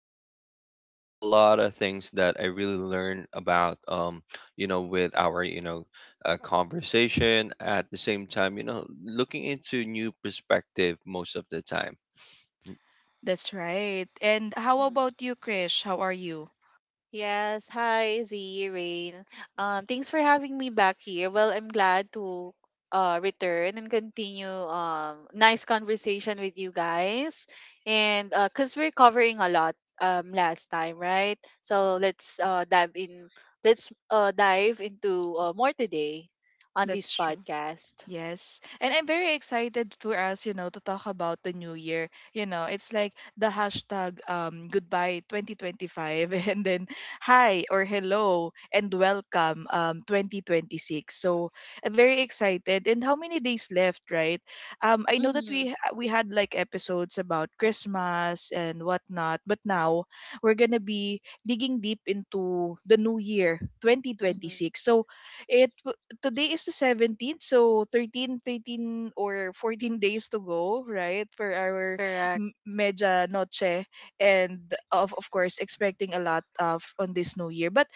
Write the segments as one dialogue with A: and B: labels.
A: There's because there's a lot of things that I really learn about. You know, with our conversation. At the same time, you know, looking into new perspective most of the time. Mm,
B: That's right. And how
C: hmm
B: about you, Krish? How are you?
C: Yes, hi Z, Rain. Thanks for having me back here. Well, I'm glad to return and continue nice conversation with you guys. And Cause we're covering a lot last time, right? So let's dive in. Let's dive into more today on
B: That's
C: this
B: true.
C: podcast.
B: Yes. And I'm very excited for us, you know, to talk about the new year. You know, it's like the hashtag goodbye 2025 and then hi or hello and welcome 2026. So I'm very excited. And how many days left, right? Um, I know that
C: Mm-hmm.
B: we had like episodes about Christmas and whatnot, but now we're gonna be digging deep into the new year
C: Mm-hmm.
B: 2026. So it today is the 17th, so 13 or 14 days to go, right, for our
C: Correct.
B: media noche. And of course, expecting a lot of on this new year. But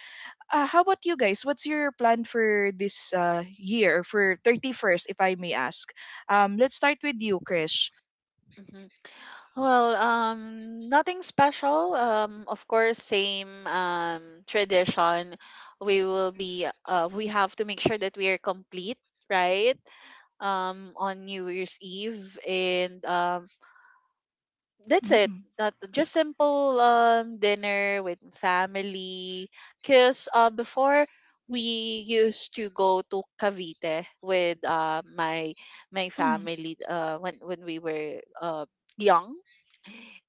B: how about you guys? What's your plan for this year, for 31st, if I may ask? Let's start with you, Krish.
C: Mm-hmm. Well, nothing special. Of course, same tradition. We will be. We have to make sure that we are complete, right? On New Year's Eve, and that's it.
B: Mm-mm.
C: Not just simple dinner with family. Cause before we used to go to Cavite with my
B: Mm.
C: family when we were young,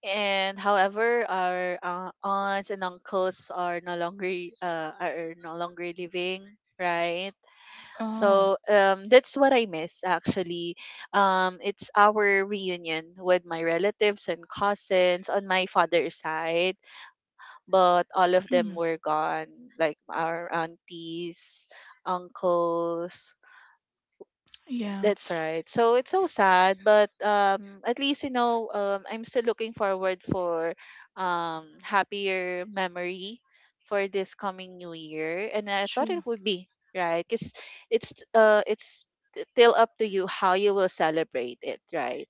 C: and however our aunts and uncles are no longer living, right?
B: Oh,
C: So that's what I miss, actually. It's our reunion with my relatives and cousins on my father's side, but all of them
B: mm,
C: were gone, like our aunties, uncles.
B: yeah,
C: That's right. So it's so sad, but at least you know, I'm still looking forward for happier memory for this coming new year, and I thought
B: true.
C: it would be right, because it's t- still up to you how you will celebrate it, right?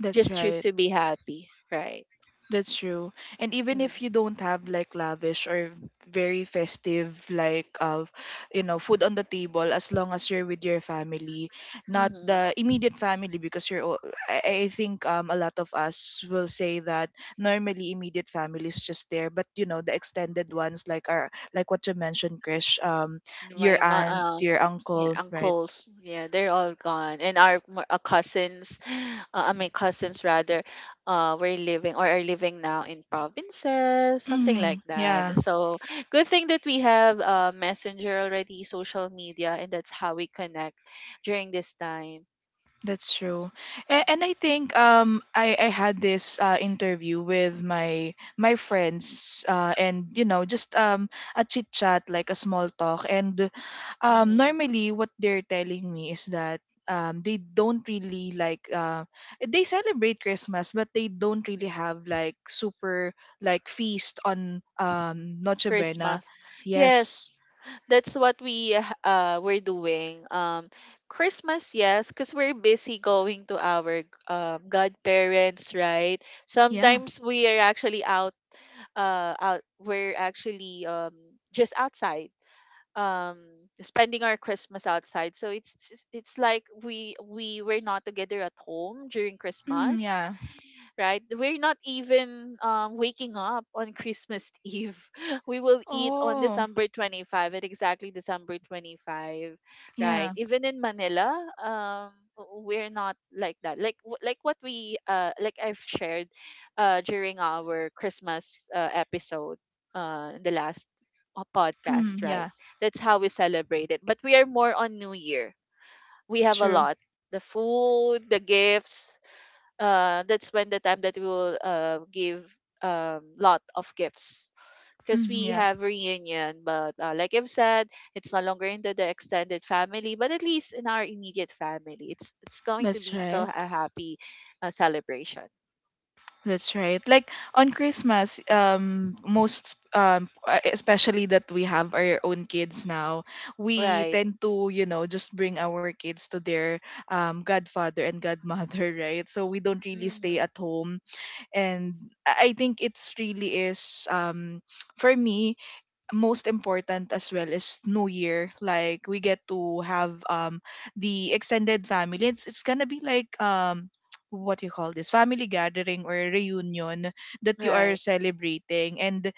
B: That's
C: Just choose
B: right.
C: to be happy, right?
B: That's true. And even if you don't have like lavish or very festive like of, you know, food on the table, as long as you're with your family, not the
C: Mm-hmm.
B: immediate family, because you're all, I think um, a lot of us will say that normally immediate family is just there, but you know the extended ones like are like what you mentioned, Krish. Um, your
C: my my
B: aunt,
C: uh
B: your
C: yeah,
B: uncle, right?
C: uncles, yeah, they're all gone, and our m- cousins, I mean cousins rather, were living, or are living now in provinces, something like
B: Mm, yeah.
C: that. So good thing that we have messenger already, social media, and that's how we connect during this time.
B: That's true. And
C: Mm-hmm.
B: I think um, I had this uh, interview with my my friends, and you know just um, a chit chat, like a small talk. And um,
C: Mm-hmm.
B: normally what they're telling me is that um, they don't really like they celebrate Christmas, but they don't really have like super like feast on um, Noche Buena.
C: Christmas.
B: Yes.
C: Yes. That's what we're doing. Christmas, yes, because we're busy going to our godparents, right?
B: Yeah.
C: Sometimes we are actually out we're actually just outside um spending our Christmas outside. So it's it's like we were not together at home during
B: Mm,
C: Christmas,
B: yeah.
C: right? We're not even waking up on Christmas Eve. We will eat on
B: Oh.
C: December 25, at exactly December 25, right?
B: Yeah.
C: Even in Manila, w- we're not like that. Like w- like what we like I've shared during our Christmas episode, the last
B: Mm,
C: podcast, right?
B: yeah,
C: That's how we celebrate it. But we are more on New Year. We have a
B: true.
C: lot, the food, the gifts, that's when the time that we will give lot of gifts, because
B: Mm,
C: we
B: yeah,
C: have reunion, but like I've said, it's no longer into the extended family, but at least in our immediate family, it's going to
B: that's
C: be still
B: right.
C: a happy celebration,
B: That's right. Like on Christmas, most especially that we have our own kids now, we
C: right.
B: tend to, you know, just bring our kids to their um, godfather and godmother, right? So we don't really stay
C: Mm-hmm.
B: at home, and I think it's really is um, for me, most important as well is new year, like we get to have um, the extended family. It's gonna be like um, what you call this, family gathering or reunion that you are
C: Right.
B: celebrating. And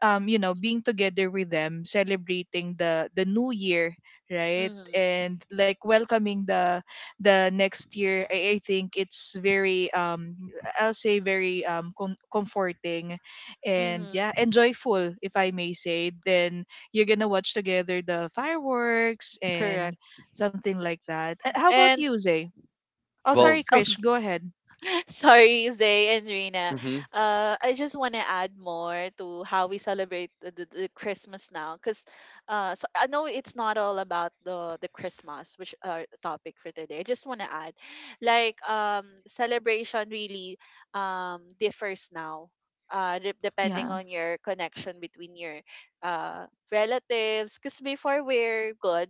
B: um, you know, being together with them, celebrating the new year, right?
C: Mm-hmm.
B: And like welcoming the next year, I think it's very um, I'll say very um, comforting and yeah,
C: Mm-hmm.
B: and joyful if I may say. Then you're gonna watch together the fireworks
C: Correct.
B: and something like that. How about
C: And
B: you, Zay? Oh,
A: Well,
B: sorry,
C: uh,
B: Krish, go ahead.
C: Sorry, Zay and Rina.
A: hmm
C: I just want to add more to how we celebrate the Christmas now, because so I know it's not all about the Christmas, which topic for today. I just want to add, like celebration really differs now. De- depending
B: Yeah,
C: on your connection between your uh, relatives, because before we're good,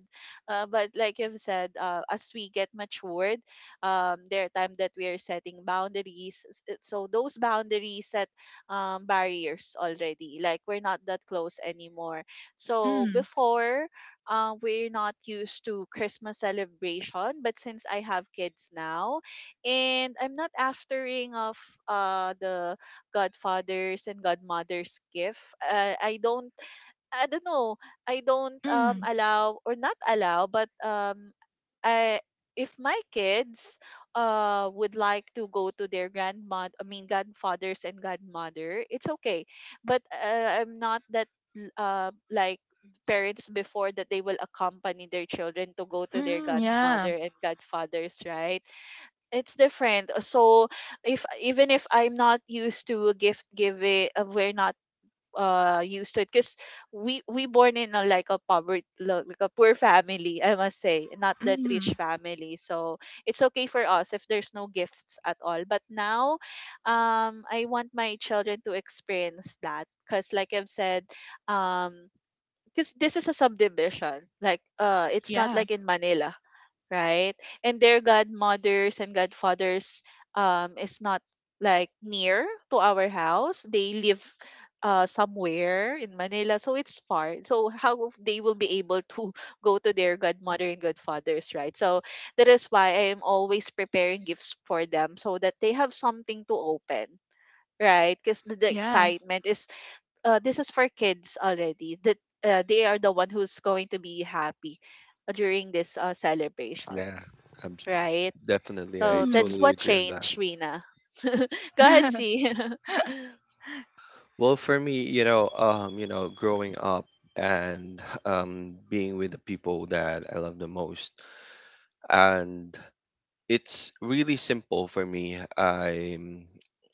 C: but like you've said, as we get matured, there are time that we are setting boundaries. S- it- so those boundaries set barriers already, like we're not that close anymore. So
B: mm,
C: before we're not used to Christmas celebration, but since I have kids now and I'm not aftering of the godfathers and godmothers gift, I don't know. I don't
B: mm,
C: allow or not allow, but I if my kids would like to go to their grandmother, I mean grandfathers and grandmother, it's okay. But I'm not that like parents before, that they will accompany their children to go to their
B: mm, yeah,
C: grandmother and godfathers, right? It's different. So if even if I'm not used to gift giving, we're not used to it, because we born in a like a poverty, like a poor family, I must say, not that rich
B: mm,
C: family. So it's okay for us if there's no gifts at all, but now I want my children to experience that, because like I've said, um because this is a subdivision, like it's not
B: yeah,
C: like in Manila, right? And their godmothers and godfathers is not like near to our house. They live somewhere in Manila, so it's far. So how they will be able to go to their godmother and godfathers, right? So that is why I am always preparing gifts for them, so that they have something to open. Right, because the
B: yeah.
C: excitement is this is for kids already. That they are the one who's going to be happy during this celebration.
A: yeah, I am
C: Right?
A: definitely. I
C: So that's
A: totally
C: what
A: agree on that.
C: changed, Rina. Go ahead, see.
A: Well, for me, you know, growing up and being with the people that I love the most, and it's really simple for me. I'm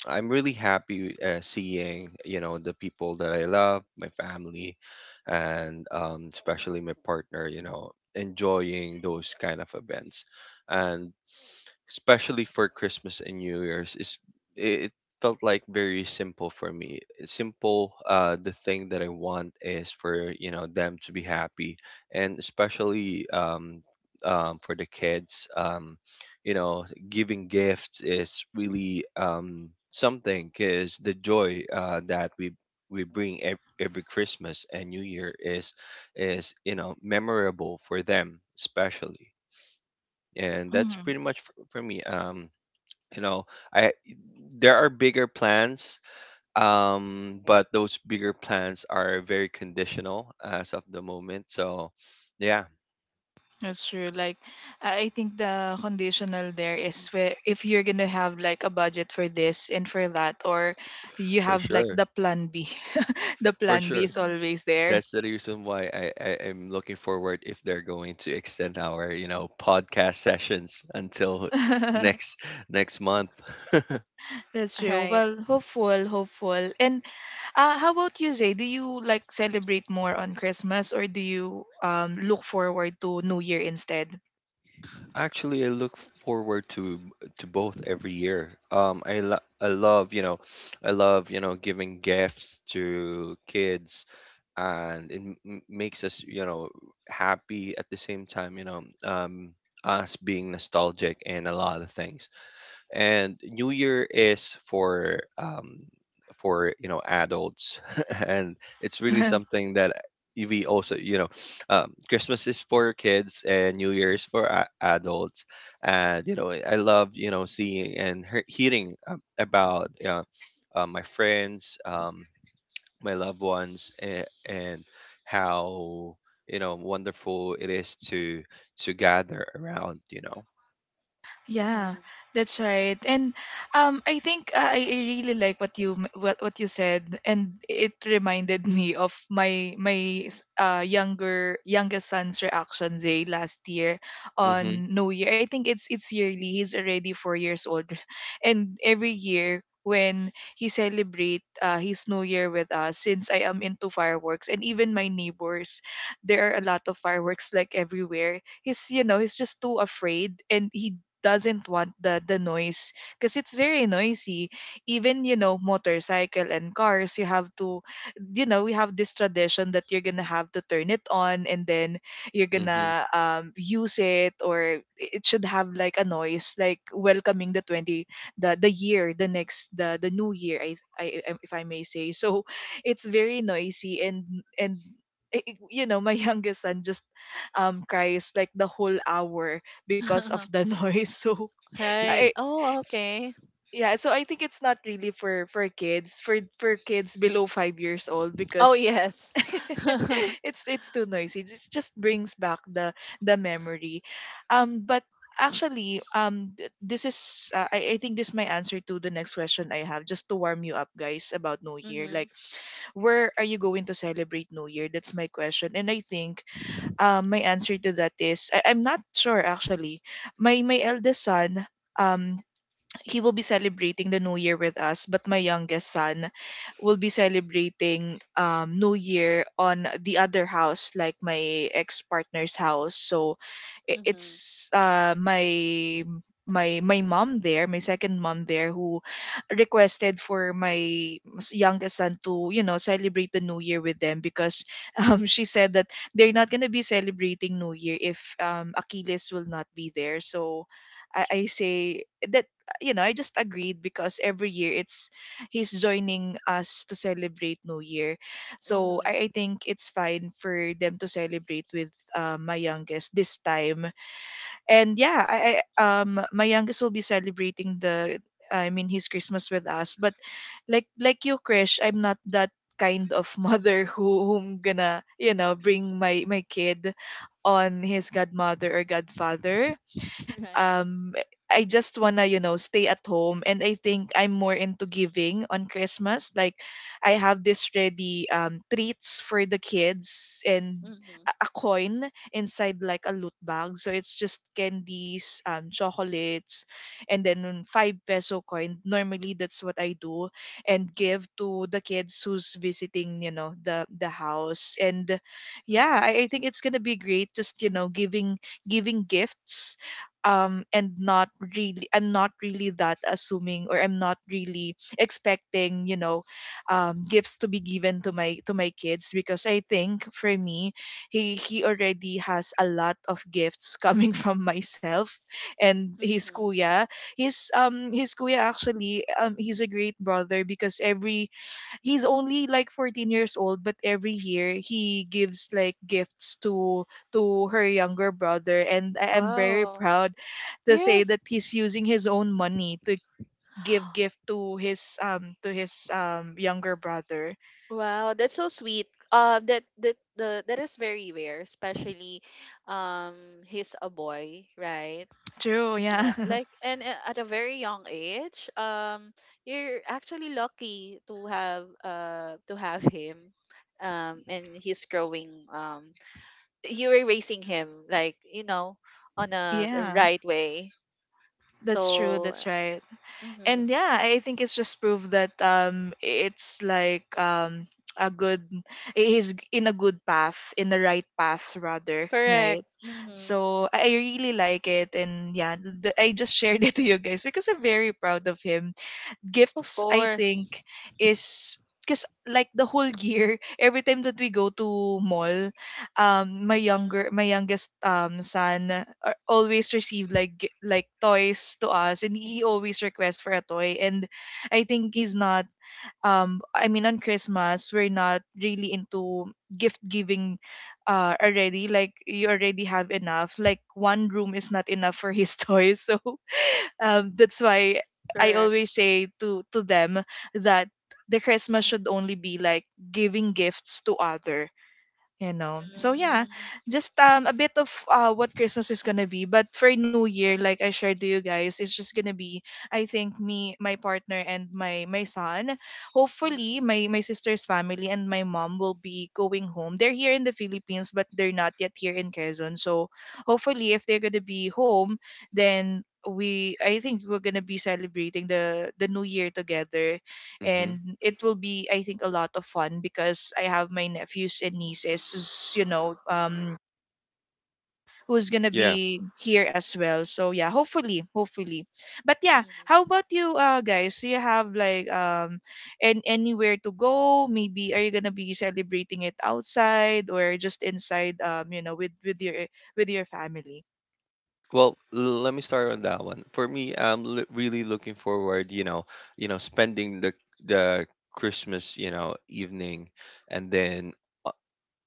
A: I'm really happy seeing you know the people that I love, my family, and especially my partner. You know, enjoying those kind of events, and especially for Christmas and New Year's, is, it felt like very simple for me. It's simple, the thing that I want is for you know them to be happy, and especially, for the kids, you know, giving gifts is really something, because the joy that we bring every Christmas and New Year is you know memorable for them especially, and that's
B: Mhm.
A: pretty much for me. You know I There are bigger plans, but those bigger plans are very conditional as of the moment. So yeah,
B: That's true. Like, I think the conditional there is where if you're gonna have like a budget for this and for that, or you
A: for
B: have like
A: sure,
B: the plan B. The
A: for
B: plan B
A: sure,
B: is
C: Mhm.
B: always there.
A: that's the reason why I am looking forward if they're going to extend our you know podcast sessions until next next month.
B: That's true.
C: Right.
B: Well, hopeful, hopeful. And how about you, Zay? Do you like celebrate more on Christmas, or do you um, look forward to New Year instead?
A: Actually, I look forward to both every year. I love, you know, I love, you know, giving gifts to kids, and it makes us, you know, happy at the same time, you know, us being nostalgic and a lot of things, and New Year is for you know adults, and it's really something that we also you know Christmas is for kids and New Year is for adults, and you know I love you know seeing and hearing about my friends, my loved ones, and how you know wonderful it is to gather around you know.
B: Yeah,
C: Mhm.
B: that's right. And I think I really like what you what you said, and it reminded me of my my s- younger youngest son's reaction day last year
A: Mm-hmm.
B: on New Year. I think it's yearly. He's already 4 years old, and every year when he celebrate his New Year with us, since I am into fireworks and even my neighbors, there are a lot of fireworks like everywhere. He's, you know, he's just too afraid, and he doesn't want the noise because it's very noisy. Even, you know, motorcycle and cars, you have to, you know, we have this tradition that you're gonna have to turn it on and then you're
A: Mm-hmm.
B: gonna um, use it, or it should have like a noise, like welcoming the 20 the the year the next the the new year, if I may say so. It's very noisy, and you know, my youngest son just um, cries like the whole hour because of the noise. So
C: Right.
B: I
C: Oh, okay.
B: yeah, so I think it's not really for for kids below 5 years old
C: Oh,
B: because
C: yes.
B: it's too noisy. It just brings back the memory. Um, but actually um, this is I think this is my answer to the next question I have, just to warm you up guys about new year.
C: Mhm.
B: Like, where are you going to celebrate new year? That's my question. And I think my answer to that is, I'm not sure actually. My eldest son um, he will be celebrating the new year with us, but my youngest son will be celebrating um, new year on the other house, like my ex-partner's house. So
C: Mhm.
B: it's uh, my my mom there, my second mom there, who requested for my youngest son to, you know, celebrate the new year with them, because um, she said that they're not going to be celebrating new year if um, Achilles will not be there. So I say that, you know, I just agreed because every year it's he's joining us to celebrate New Year. So
C: Mhm.
B: I think it's fine for them to celebrate with my youngest this time. And yeah, I my youngest will be celebrating the, I mean his Christmas with us. But like you, Krish, I'm not that kind of mother who whom gonna, you know, bring my my kid on his godmother or godfather.
C: Right.
B: Um, I just wanna, you know, stay at home, and I think I'm more into giving on Christmas. Like, I have this ready um, treats for the kids and
C: Mhm.
B: a coin inside, like a loot bag. So it's just candies, um, chocolates and then 5 peso coin. Normally that's what I do, and give to the kids who's visiting, you know, the house. And yeah,
C: Mhm.
B: I think it's going to be great, just, you know, giving gifts. Um, and not really, I'm not really that assuming or I'm not really expecting, you know, um, gifts to be given to my kids, because I think for me, he already has a lot of gifts coming from myself and his
C: Mhm.
B: kuya. His um, his kuya actually um, he's a great brother, because every he's only like 14 years old, but every year he gives like gifts to her younger brother, and I am very
C: Wow.
B: proud to say that
C: Yes.
B: he's using his own money to give gift to his um, to his um, younger brother.
C: Wow, that's so sweet. That that the that is very rare, especially he's a boy, right?
B: True,
C: Yeah,
B: yeah.
C: like, and at a very young age, you're actually lucky to have him, and he's growing. You were raising him, like, you know, on a the
B: Yeah,
C: right way.
B: that's true,
C: So,
B: that's right.
C: mm-hmm,
B: And yeah, I think it's just proof that um, it's like um, a good he's in a good path, in the right path rather, right?
C: correct. Mm-hmm,
B: So I really like it. And yeah, I just shared it to you guys because I'm very proud of him.
C: of
B: Gifts, I
C: course.
B: think, is, because like the whole year every time that we go to mall, um, my younger
C: Mm-hmm,
B: my youngest um, son always receive like like toys to us, and he always requests for a toy. And I think he's not um, I mean on Christmas, we're not really into gift giving already, like you already have enough, like one room is not enough for his toys. So that's why I
C: correct.
B: always say to them that the Christmas should only be like giving gifts to other, you know. So
C: Mm-hmm,
B: yeah,
C: mm-hmm.
B: just um, a bit of uh, what christmas is gonna be. But for new year, like I shared to you guys, it's just gonna be, I think, me, my partner and my son, hopefully
C: Mm-hmm.
B: my my sister's family and my mom will be going home. They're here in the Philippines, but They're not yet here in Quezon, so hopefully if they're gonna be home, then we I think we're gonna be celebrating the new year together.
A: Mm-hmm.
B: And it will be, I think, a lot of fun because I have my nephews and nieces who's who's gonna
A: Yeah.
B: be here as well, so yeah, hopefully, hopefully. But yeah, how about you guys, do you have like and anywhere to go? Maybe are you gonna be celebrating it outside or just inside, you know, with with your family?
A: Well, let me start on that one. For me, I'm really looking forward, you know, spending the Christmas, you know, evening, and then uh,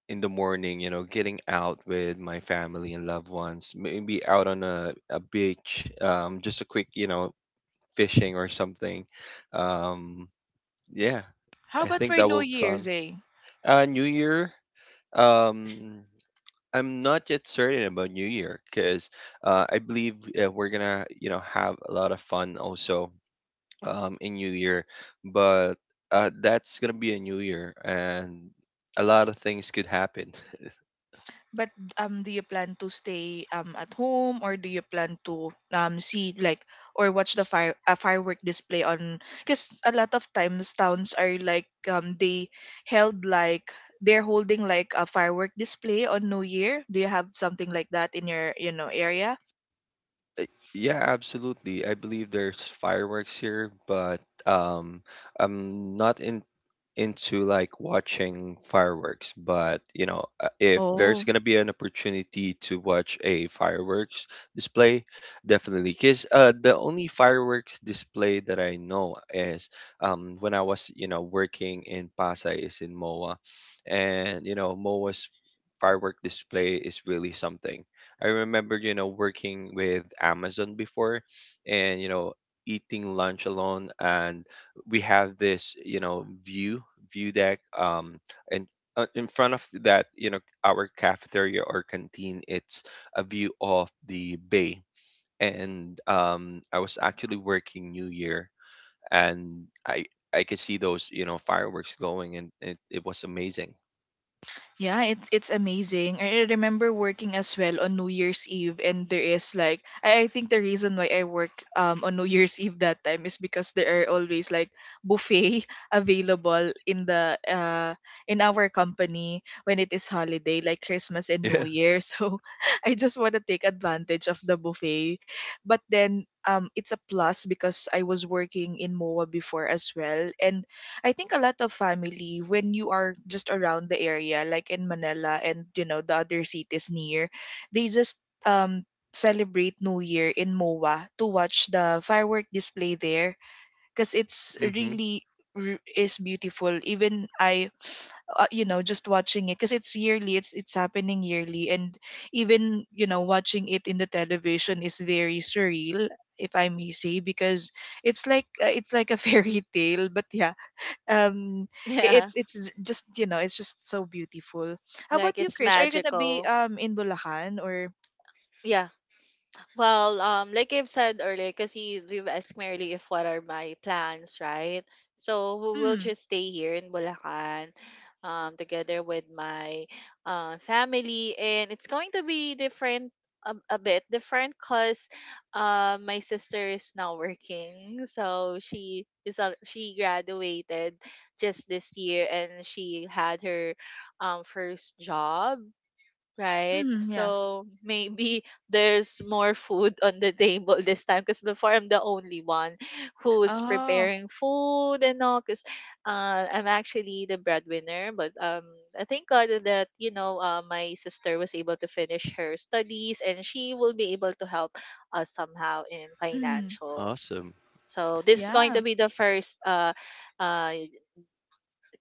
A: in the morning, you know, getting out with my family and loved ones. Maybe out on a beach, just a quick, you know, fishing or something. Um, yeah,
B: How
A: I
B: about
A: think
B: for
A: that
B: new
A: will be fun.
B: year's, eh?
A: New Year. Um, I'm not yet certain about New Year because I believe we're gonna, you know, have a lot of fun also in New Year, but that's gonna be a New Year, and a lot of things could happen.
B: But do you plan to stay at home, or do you plan to see like or watch the fire a firework display on? Because a lot of times towns are like, they held like, they're holding like a firework display on New Year. Do you have something like that in your, you know, area?
A: Uh, Yeah, absolutely. I believe there's fireworks here, but um, I'm not in into like watching fireworks. But you know, if there's
B: Oh.
A: gonna be an opportunity to watch a fireworks display, definitely. Because the only fireworks display that I know is when I was you know working in Pasay is in MOA, and you know MOA's firework display is really something. I remember, you know, working with Amazon before and, you know, eating lunch alone. And we have this, you know, view deck. And in front of that, you know, our cafeteria or canteen, it's a view of the bay. And I was actually working New Year, and I could see those, you know, fireworks going, and it was amazing.
B: Yeah, it's amazing. I remember working as well on New Year's Eve, and there is like, I think the reason why I work on New Year's Eve that time is because there are always like buffet available in the in our company when it is holiday, like Christmas and
A: Yeah.
B: New Year. So I just want to take advantage of the buffet, but then it's a plus because I was working in MOA before as well, and I think a lot of family, when you are just around the area, like in Manila and, you know, the other cities near, they just celebrate New Year in MOA to watch the firework display there because it's
A: Mm-hmm.
B: really is beautiful. Even I, you know, just watching it because it's yearly. It's happening yearly, and even, you know, watching it in the television is very surreal, if I may say, because it's like a fairy tale. But yeah, um
C: Yeah,
B: it's just, you know, it's just so beautiful. How about
C: like
B: you,
C: it's
B: Krish, are you gonna be
C: magical.
B: in Bulacan or?
C: Yeah. Well, like I've said earlier, because you've asked me earlier if what are my plans, right? So we will
B: Mm,
C: just stay here in Bulacan, together with my family, and it's going to be different, a bit different, cause my sister is now working, so she is al- she graduated just this year, and she had her first job, right?
B: mm, yeah.
C: So maybe there's more food on the table this time, because before I'm the only one who's
B: Oh.
C: preparing food and all. Because I'm actually the breadwinner, but I thank God that you know my sister was able to finish her studies, and she will be able to help us somehow in
B: Mm,
C: financial.
A: Awesome.
C: So this is going
B: yeah.
C: to be the first uh,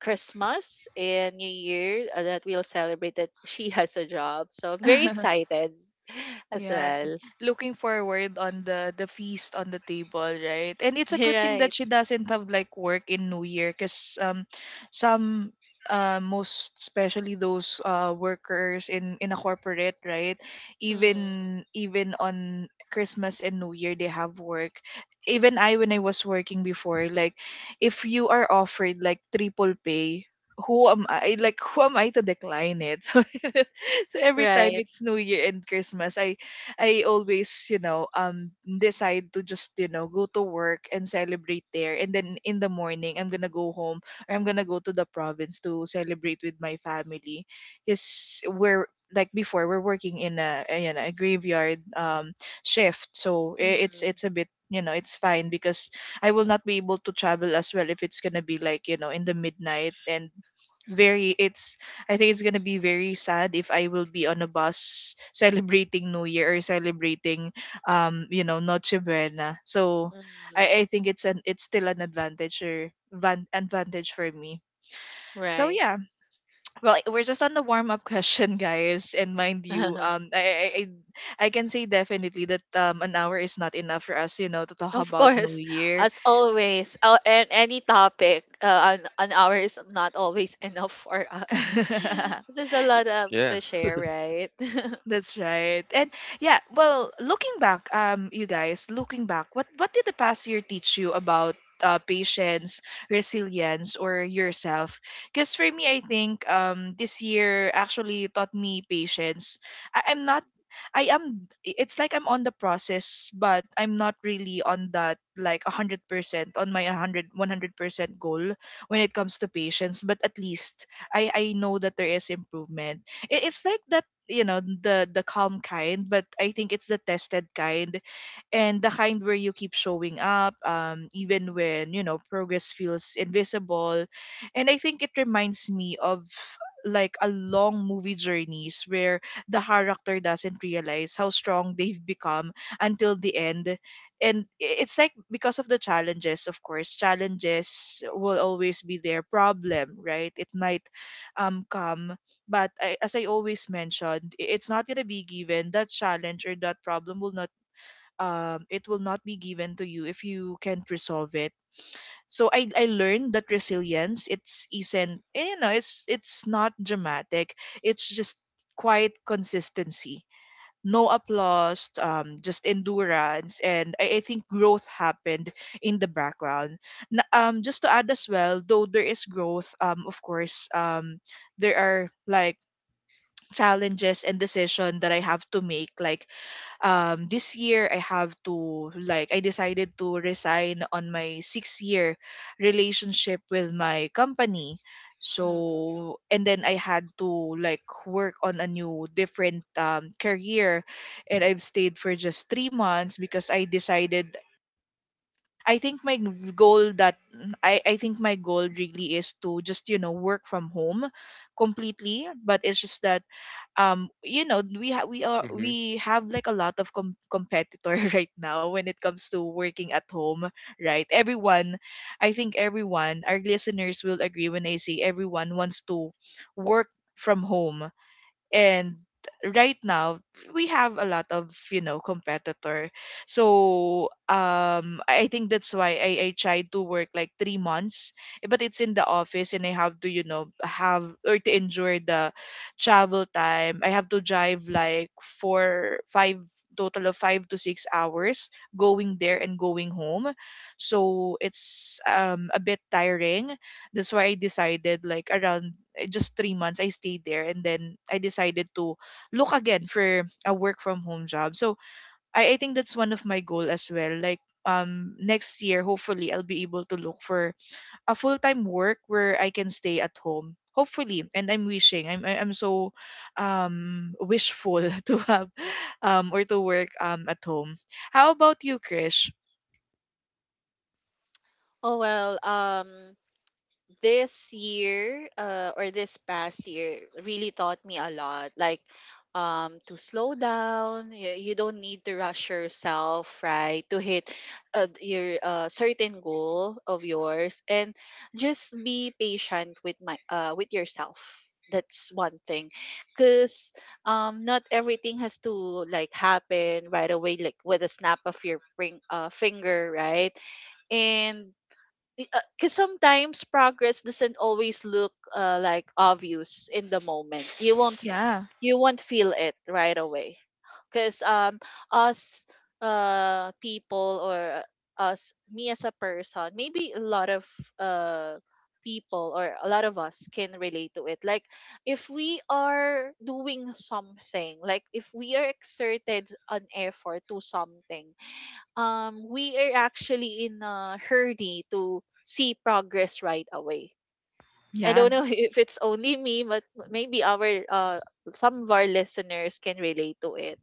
C: Christmas and New Year that we'll celebrate that she has a job. So I'm very excited as
B: Yeah,
C: well.
B: looking forward on the feast on the table, right? And it's a good thing that
C: Right.
B: she doesn't have like work in New Year, cause some, most especially those workers in a corporate, right?
C: Mm,
B: Even on Christmas and New Year they have work. Even I, when I was working before, like, if you are offered like triple pay. Who am I? Like, who am I to decline it? So every time
C: right.
B: it's New Year and Christmas, I always, you know, decide to just, you know, go to work and celebrate there. And then in the morning, I'm gonna go home or I'm gonna go to the province to celebrate with my family. Because we're, like before we're working in a, you know, a graveyard shift, so it's
C: Mm,
B: it's a bit, you know, it's fine because I will not be able to travel as well if it's gonna be like, you know, in the midnight, and very it's, I think it's gonna be very sad if I will be on a bus celebrating New Year or celebrating, you know, Noche Buena. So,
C: mm,
B: I think it's an, it's still an advantage or van, advantage for me. So
C: right.
B: yeah, well, eh, we're just on the warm up question, guys, and mind you, I can say definitely that an hour is not enough for us, you know, to talk
C: Of
B: about New
C: course,
B: Year.
C: as always, and any topic an hour is not always enough for us. There's a lot of
A: Yeah.
C: to share, right?
B: That's right. And yeah, well, looking back, you guys, looking back, what did the past year teach you about patience, resilience, or yourself? Because for me, I think this year actually taught me patience. I, I'm not. I am. It's like I'm on the process, but I'm not really on that, like, 100% on my 100 100% goal when it comes to patience. But at least I know that there is improvement. It, it's like that, you know, the calm kind, but I think it's the tested kind, and the kind where you keep showing up, even when, you know, progress feels invisible. And I think it reminds me of like a long movie journeys where the character doesn't realize how strong they've become until the end. And it's like, because of the challenges, of course, challenges will always be their problem, right? It might come, but I, as I always mentioned, it's not going to be given that challenge, or that problem will not it will not be given to you if you can't resolve it. So I learned that resilience, it's isn't, you know, it's not dramatic. It's just quiet consistency. No applause, just endurance, and I think growth happened in the background. Just to add as well, though there is growth, of course, there are like challenges and decision that I have to make. Like this year I have to, like, I decided to resign on my 6 year relationship with my company.
C: hmm
B: So and then I had to like work on a new different career, and I've stayed for just 3 months because I decided, I think my goal that, I think my goal really is to just, you know, work from home completely. But it's just that you know, we ha- we are we have like a lot of competitor right now when it comes to working at home, right? Everyone, I think everyone, our listeners will agree when I say everyone wants to work from home. And right now we have a lot of, you know, competitor. So I think that's why I tried to work like 3 months, eh, but it's in the office, and I have to, you know, have or to endure the travel time. I have to drive like 4 5, total of 5 to 6 hours, going there and going home. So it's a bit tiring. That's why I decided like around just 3 months I stayed there, and then I decided to look again for a work from home job. So I think that's one of my goal as well. Like next year, hopefully I'll be able to look for a full time work where I can stay at home. Hopefully, and I'm wishing. I'm so wishful to have or to work at home. How about you, Krish?
C: Oh well, this year or this past year really taught me a lot, like to slow down. You don't need to rush yourself, right, to hit your certain goal of yours, and just be patient with my with yourself. That's one thing, because not everything has to like happen right away, like with a snap of your ring, finger, right? And because sometimes progress doesn't always look like obvious in the moment. You won't
B: Yeah,
C: you won't feel it right away, because us people, or us, me as a person, maybe a lot of uh people or a lot of us can relate to it. Like if we are doing something, like if we are exerted an effort to something, we are actually in a hurry to see progress right away. I
B: yeah.
C: don't know if it's only me, but maybe our some of our listeners can relate to it.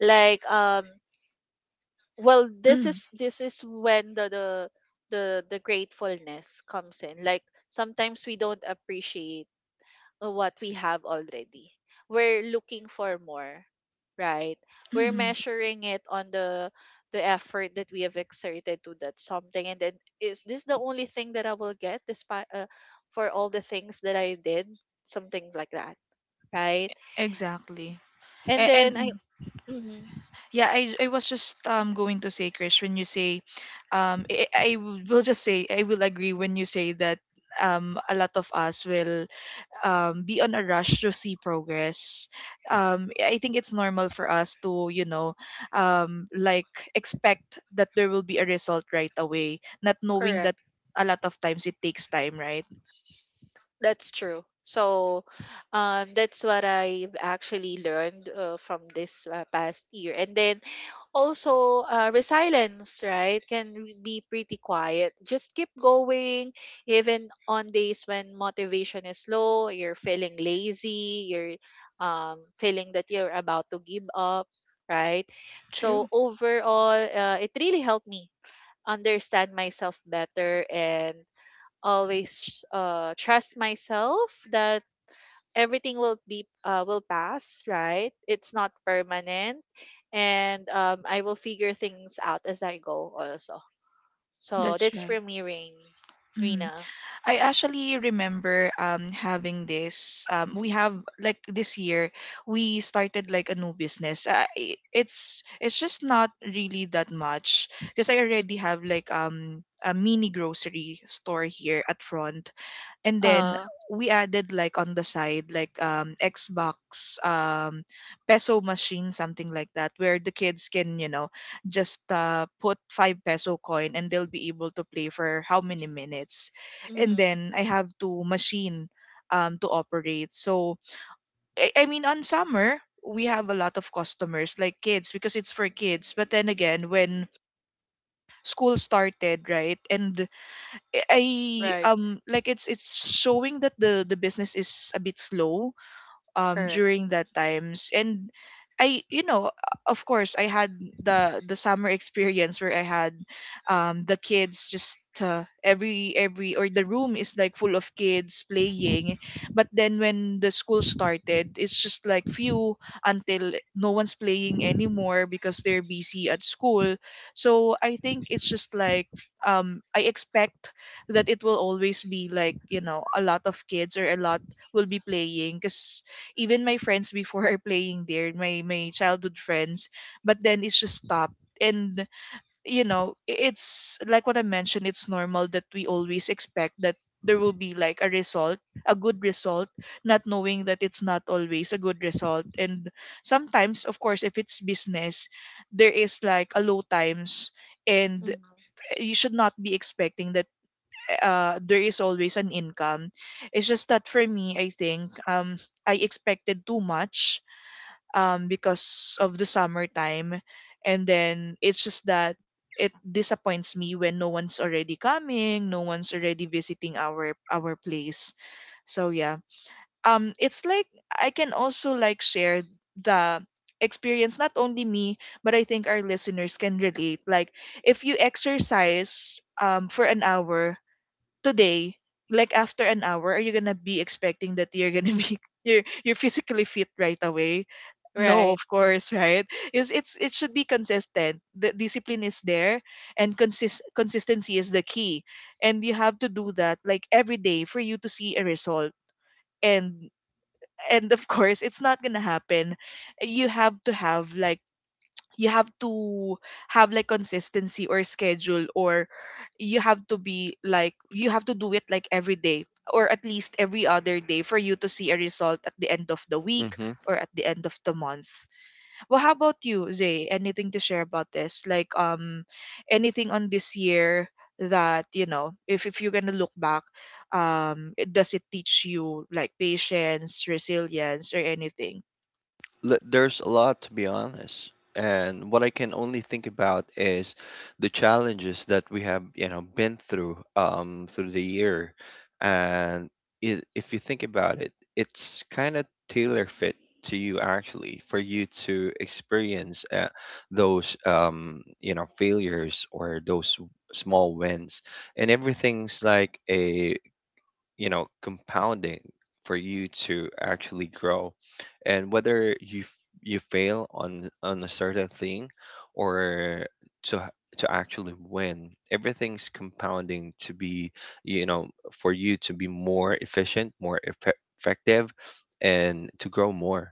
C: Like, well,
B: Mm,
C: this is when the gratefulness comes in. Like sometimes we don't appreciate what we have already. We're looking for more, right? We're
B: mhm.
C: measuring it on the effort that we have exerted to that something, and then is this the only thing that I will get, despite for all the things that I did, something like that, right?
B: Exactly.
C: And
B: And,
C: then I,
B: and
C: mhm,
B: yeah, I was just going to say, Krish, when you say, um, I, I will just say I will agree when you say that a lot of us will be on a rush to see progress. I think it's normal for us to, you know, like, expect that there will be a result right away, not knowing that
C: correct,
B: a lot of times it takes time, right?
C: that's true. So that's what I've actually learned from this past year. And then also resilience, right, can re- be pretty quiet, just keep going even on days when motivation is low, you're feeling lazy, you're feeling that you're about to give up, right?
B: True.
C: So overall, it really helped me understand myself better, and always trust myself that everything will be will pass, right, it's not permanent. And I will figure things out as I go also. So
B: That's
C: that's
B: right.
C: for me, rain Rina.
B: I actually remember having this, we have like this year we started like a new business. It's just not really that much because I already
C: Mm-hmm.
B: have like a mini grocery store here at front, and then
C: Uh,
B: we added like on the side, like, xbox, peso machine, something like that, where the kids can, you know, just put five peso coin and they'll be able to play for how many minutes. And
C: Mm-hmm.
B: then I have to machine to operate. So I mean, on summer we have a lot of customers like kids, because it's for kids, but then again when school started, right, and I
C: Right.
B: like, it's showing that the business is a bit slow
C: Correct.
B: during that times. And I, you know, of course I had the summer experience where I had the kids just every or the room is like full of kids playing. But then when the school started, it's just like few, until no one's playing anymore because they're busy at school. So I think it's just like, I expect that it will always be like, you know, a lot of kids, or a lot will be playing because even my friends before are playing there, my childhood friends. But then it's just stopped. And, you know, it's like what I mentioned, it's normal that we always expect that there will be like a result, a good result, not knowing that it's not always a good result. And sometimes, of course, if it's business, there is like a low times, and
C: Mm-hmm.
B: you should not be expecting that there is always an income. It's just that for me, I think I expected too much because of the summertime. And then it's just that it disappoints me when no one's already coming, no one's already visiting our place. So yeah. It's like I can also like share the experience, not only me but I think our listeners can relate. Like if you exercise for an hour today, like after an hour, are you gonna be expecting that you're gonna be you're physically fit right away? No,
C: Right.
B: of course, right? Is it's it should be consistent. The discipline is there, and consistency is the key, and you have to do that like every day for you to see a result. And and of course, it's not gonna happen. You have to have like you have to consistency or schedule or you have to do it like every day or at least every other day for you to see a result at the end of the week
A: Mm-hmm.
B: or at the end of the month. Well, how about you, Zay? Anything to share about this? Like anything on this year that, you know, if you're going to look back, does it teach you like patience, resilience or anything?
A: There's a lot to be honest, and what I can only think about is the challenges that we have you know been through through the year. And if you think about it, it's kind of tailor fit to you, actually, for you to experience those you know failures or those small wins, and everything's like a you know compounding for you to actually grow. And whether you fail on a certain thing, or to actually win, everything's compounding to be you know for you to be more efficient, effective, and to grow more.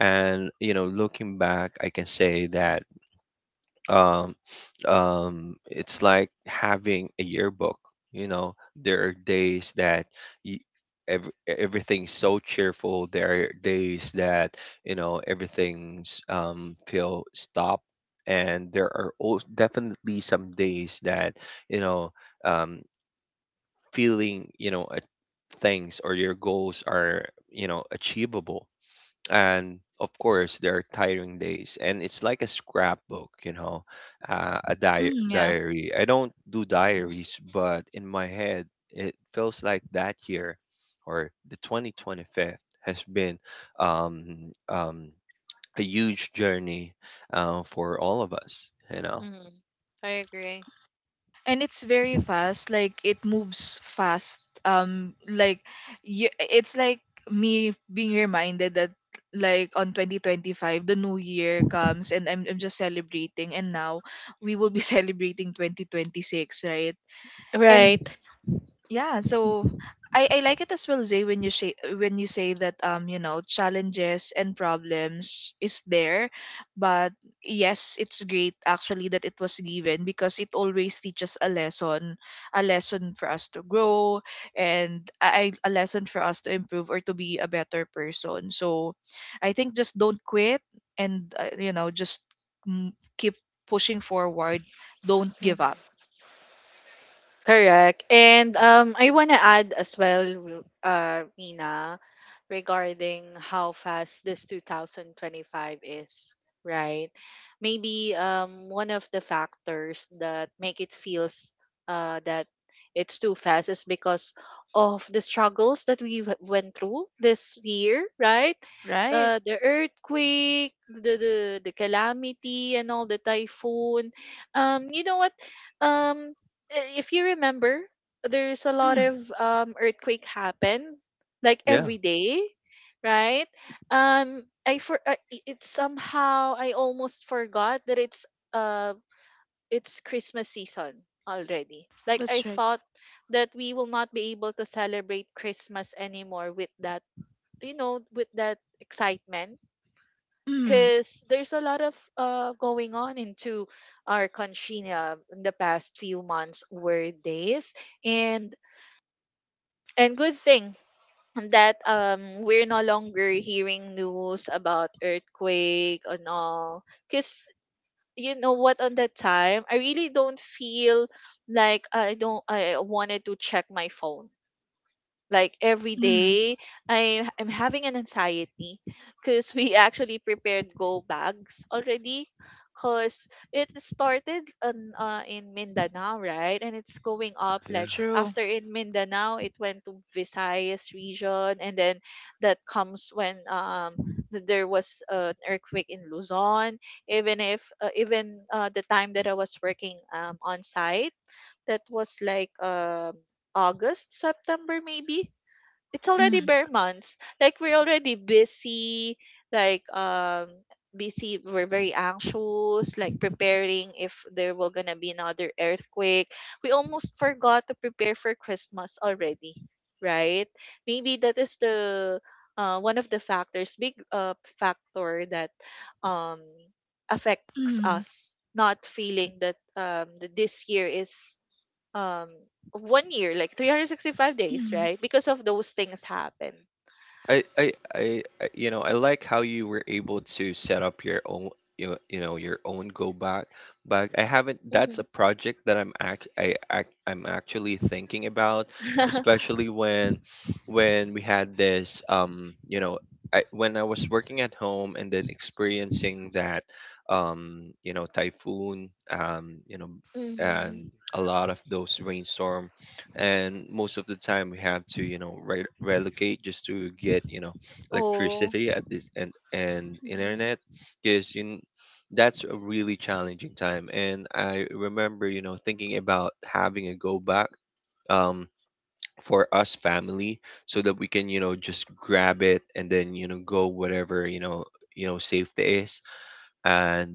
A: And you know, looking back, I can say that um it's like having a yearbook. You know, there are days that y ev everything's so cheerful. There are days that, you know, everything's feel stopped. And there are definitely some days that, you know, um, feeling, you know, things or your goals are, you know, achievable. And of course there are tiring days, and it's like a scrapbook, you know, a
B: Mm, yeah.
A: diary. I don't do diaries, but in my head it feels like that year, or the 2025th, has been um, um, a huge journey for all of us you know.
C: Mm-hmm. I agree.
B: And it's very fast, like it moves fast, like, it's like me being reminded that like on 2025 the new year comes, and I'm just celebrating, and now we will be celebrating 2026, right? And
C: Right.
B: yeah, so I like it as well, Zay, when you say that you know challenges and problems is there, but yes, it's great actually that it was given because it always teaches a lesson for us to grow, and I a lesson for us to improve or to be a better person. So I think just don't quit, and you know just, keep pushing forward. Don't give
C: Mm-hmm.
B: up.
C: Correct. And I want to add as well, Mina, regarding how fast this 2025 is, right? Maybe one of the factors that make it feels that it's too fast is because of the struggles that we w- went through this year, right?
B: Right?
C: The earthquake, the calamity, and all the typhoon. You know what? Um, if you remember, there's a lot
B: Mm,
C: of earthquake happen like
A: Yeah.
C: every day, right? It somehow I almost forgot that uh it's Christmas season already. Like I
B: that's right.
C: thought that we will not be able to celebrate Christmas anymore with that, you know, with that excitement
B: Mm.
C: because there's a lot of going on into our country in the past few months or days, and and good thing that we're no longer hearing news about earthquake and all, because you know what, on that time I really don't feel like I don't I wanted to check my phone like every
B: Mm,
C: day. I am having an anxiety because we actually prepared go bags already, because it started on, in Mindanao, right? And it's going up
A: Yeah.
C: like
B: true.
C: after in Mindanao, it went to Visayas region, and then that comes when there was an earthquake in Luzon. Even if even the time that I was working on site, that was like August, September maybe, it's already
B: Mm,
C: bare months. Like we're already busy, like busy, we're very anxious, like preparing if there will gonna be another earthquake. We almost forgot to prepare for Christmas already, right? Maybe that is the one of the factors, big factor that um affects
B: mm,
C: us not feeling that this year is um 1 year like 365 days,
B: mm,
C: right? Because of those things happen.
A: You know, I like how you were able to set up your own, you know, your own go back. But I haven't. That's a project that I'm actually thinking about,
C: Mm-hmm.
A: especially when we had this, you know, when I was working at home and then experiencing that, you know, typhoon, you know,
C: Mm-hmm.
A: and a lot of those rainstorm, and most of the time we have to you know relocate just to get you know
C: Oh.
A: electricity at this and
C: Mm.
A: internet. Because that's a really challenging time, and I remember you know thinking about having a go back um for us family, so that we can you know just grab it and then you know go whatever you know safety is. And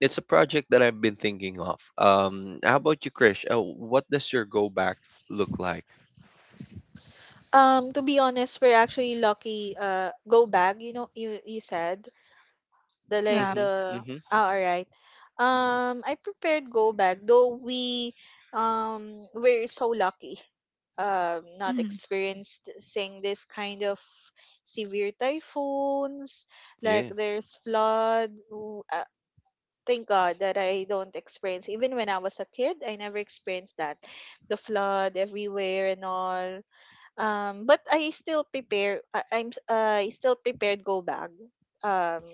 A: it's a project that I've been thinking of. How about you, Krish? Oh, what does your go back look like?
C: To be honest, we're actually lucky. Go back. You know, you said the like
B: yeah.
A: Mhm.
C: the.
A: Mhm.
C: Oh, all right. I prepared go back though. We we're so lucky. Not
B: Mm,
C: experiencing this kind of severe typhoons.
A: Yeah.
C: Like there's flood. Thank God that I don't experience. Even when I was a kid, I never experienced that. The flood everywhere and all. But I still prepare. I still prepared go bag. Um,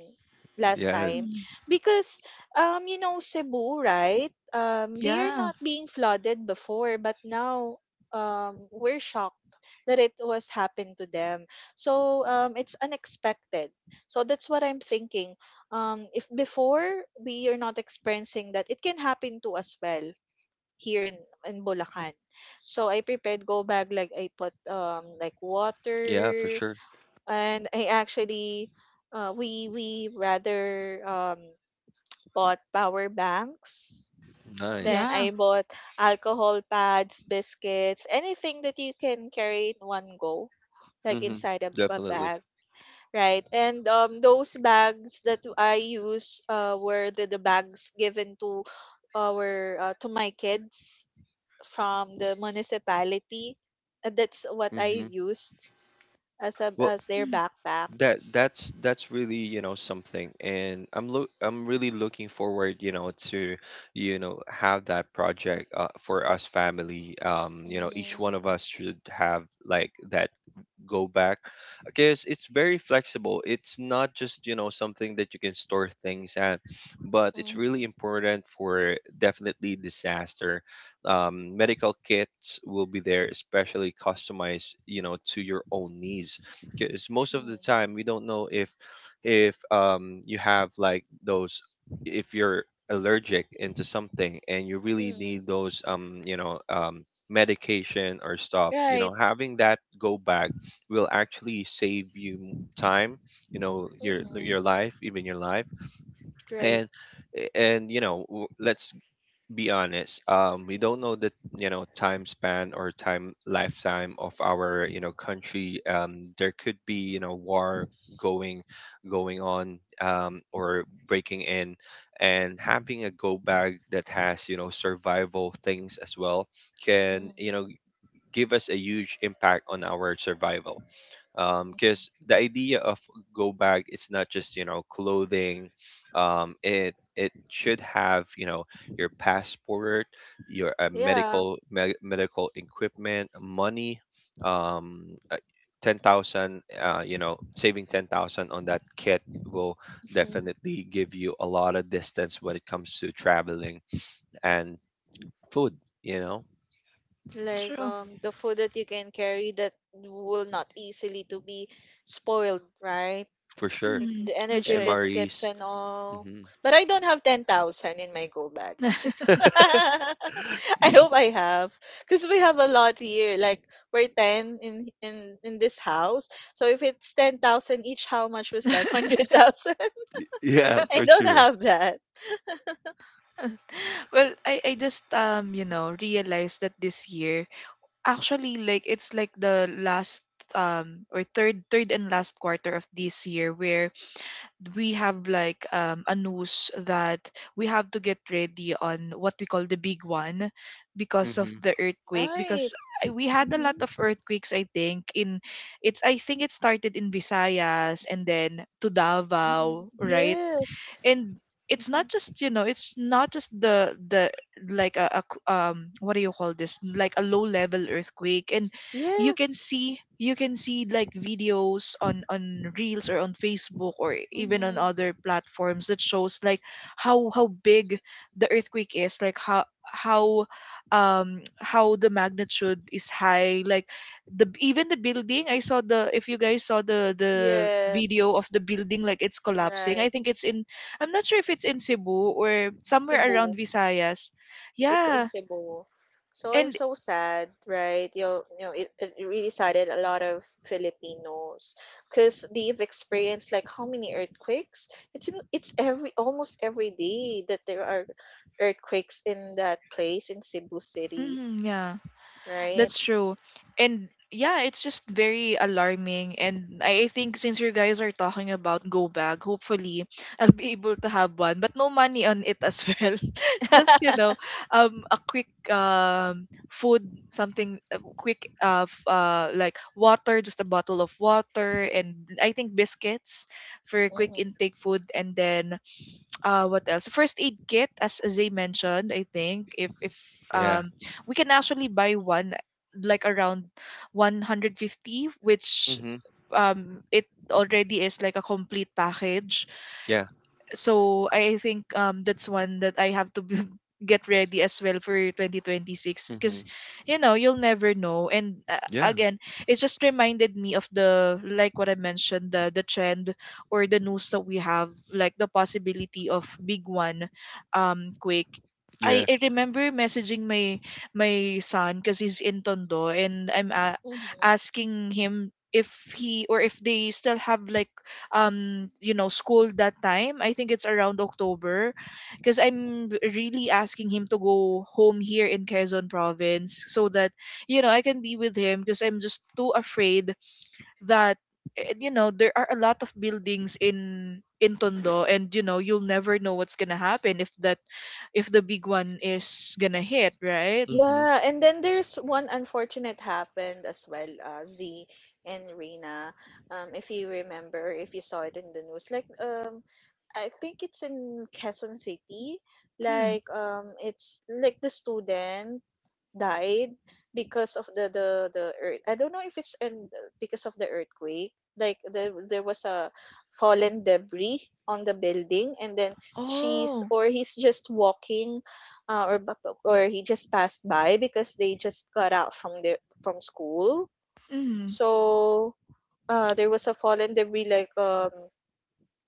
C: last
A: Yeah.
C: time,
B: mm,
C: because you know, Cebu, right? They are
B: yeah.
C: not being flooded before, but now we're shocked that it was happened to them, so it's unexpected, so that's what I'm thinking. Um, if before we are not experiencing that, it can happen to us. Well, here in Bulacan. So I prepared go bag, like I put like
A: Yeah. For
C: water,
A: sure.
C: and I actually we rather bought power banks. Then
A: Nice.
B: Yeah.
C: I bought alcohol pads, biscuits, anything that you can carry in one go, like
A: Mhm.
C: inside a
A: Definitely.
C: bag, right? And those bags that I use were the bags given to our to my kids from the municipality. That's what I
A: Mhm.
C: used as a,
A: Well,
C: as their
A: that
C: backpacks.
A: that's really you know something, and I'm really looking forward you know to you know have that project for us family. You know, each
C: Mm,
A: one of us should have like that go back, because it's very flexible. It's not just you know something that you can store things at, but it's
C: mm,
A: really important for definitely disaster. Medical kits will be there, especially customized you know to your own needs, because most of the
C: mm,
A: time we don't know if you have like those, if you're allergic into something and you really
C: mm.
A: need those you know medication or stuff, you know
C: Right.
A: having that go bag will actually save you time, you know,
C: Mm-hmm.
A: your life, even your life.
C: Right.
A: And and you know, let's be honest. We don't know the you know time span or time lifetime of our you know country. There could be you know war going going on, or breaking in, and having a go bag that has you know survival things as well
C: Mm-hmm.
A: can you know give us a huge impact on our survival, um, because
C: Mm-hmm.
A: the idea of go bag is not just you know clothing. It it should have you know your passport, your
C: Yeah.
A: medical medical equipment, money, um uh, 10,000. You know, saving 10,000 on that kit will
C: Mhm.
A: definitely give you a lot of distance when it comes to traveling, and food, you know.
C: Like
B: True.
C: the food that you can carry that will not easily to be spoiled, right?
A: For sure.
C: Like
B: Mm,
C: the
B: that's
C: energy
B: right.
C: biscuits
A: MREs.
C: and all.
A: Hmm.
C: But I don't have 10,000 in my go bags. I hope I have, because we have a lot here. Like we're 10 in this house. So if it's 10,000 each, how much was that? 100,000?
A: Yeah,
C: I
A: for
C: don't
A: sure.
C: have that.
B: Well, I just you know realized that this year actually like it's like the last, or third and last quarter of this year, where we have like a news that we have to get ready on what we call the big one, because of
A: Hmm.
B: the earthquake,
C: Right.
B: because we had a lot of
C: Mm-hmm.
B: earthquakes, I think in, it's I think it started in Visayas and then to
C: Hmm.
B: Davao, right?
C: Yes.
B: And it's not just, you know, it's not just the like what do you call this, like a low level earthquake, and
C: Yes.
B: you can see like videos on reels or on Facebook or even on
C: Mm-hmm.
B: other platforms that shows like how big the earthquake is, like how the magnitude is high, like the even the building, I saw the if you guys saw the
C: Yes.
B: video of the building, like it's collapsing, I
C: Right.
B: think it's in, I'm not sure if it's in Cebu or somewhere
C: Cebu.
B: around Visayas.
C: It's in
B: Yeah.
C: Cebu. So I'm
B: And
C: so sad, right? You know it, it really saddened a lot of Filipinos, because they've experienced like how many earthquakes? It's every almost every day that there are earthquakes in that place in Cebu City,
B: mhm, yeah,
C: right?
B: that's true. And yeah, it's just very alarming. And I think since you guys are talking about go bag, hopefully I'll be able to have one, but no money on it as well. Just, you know, a quick food, something a quick like water, just a bottle of water, and I think biscuits for quick intake food. And then what else, first aid kit, as Zay mentioned. I think if
A: Yeah.
B: um we can actually buy one like around 150, which
A: Hmm.
B: it already is like a complete package.
A: Yeah.
B: So I think that's one that I have to get ready as well for 2026,
A: Hmm.
B: because you know you'll never know. And
A: Yeah.
B: again, it just reminded me of the, like what I mentioned, the trend or the news that we have, like the possibility of big one quake. I,
A: Yeah.
B: I remember messaging my son because he's in Tondo, and I'm
C: Hmm.
B: asking him if he or if they still have like you know school that time. I think it's around October. Because I'm really asking him to go home here in Quezon Province, so that you know I can be with him, because I'm just too afraid that, you know, there are a lot of buildings in Tondo, and you know you'll never know what's gonna happen if that if the big one is gonna hit, right?
A: Hmm.
C: Yeah, and then there's one unfortunate happened as well, Z and Rina. If you remember, if you saw it in the news, like I think it's in Quezon City.
B: Mm.
C: Like it's like the student died because of the the earth. I don't know if it's in, because of the earthquake. Like there was a fallen debris on the building, and then she's
B: Oh.
C: or he's just walking, uh, or bu- or he just passed by because they just got out from their from school.
B: Mm.
C: So there was a fallen debris like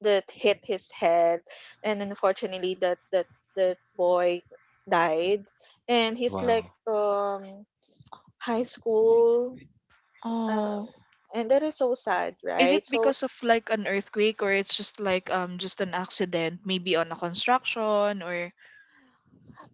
C: that hit his head, and unfortunately that boy died, and he's like
A: Wow.
C: high school, um,
B: Oh.
C: and that is so sad,
B: Is it
C: right? So
B: because of like an earthquake, or it's just like just an accident, maybe on a construction, or?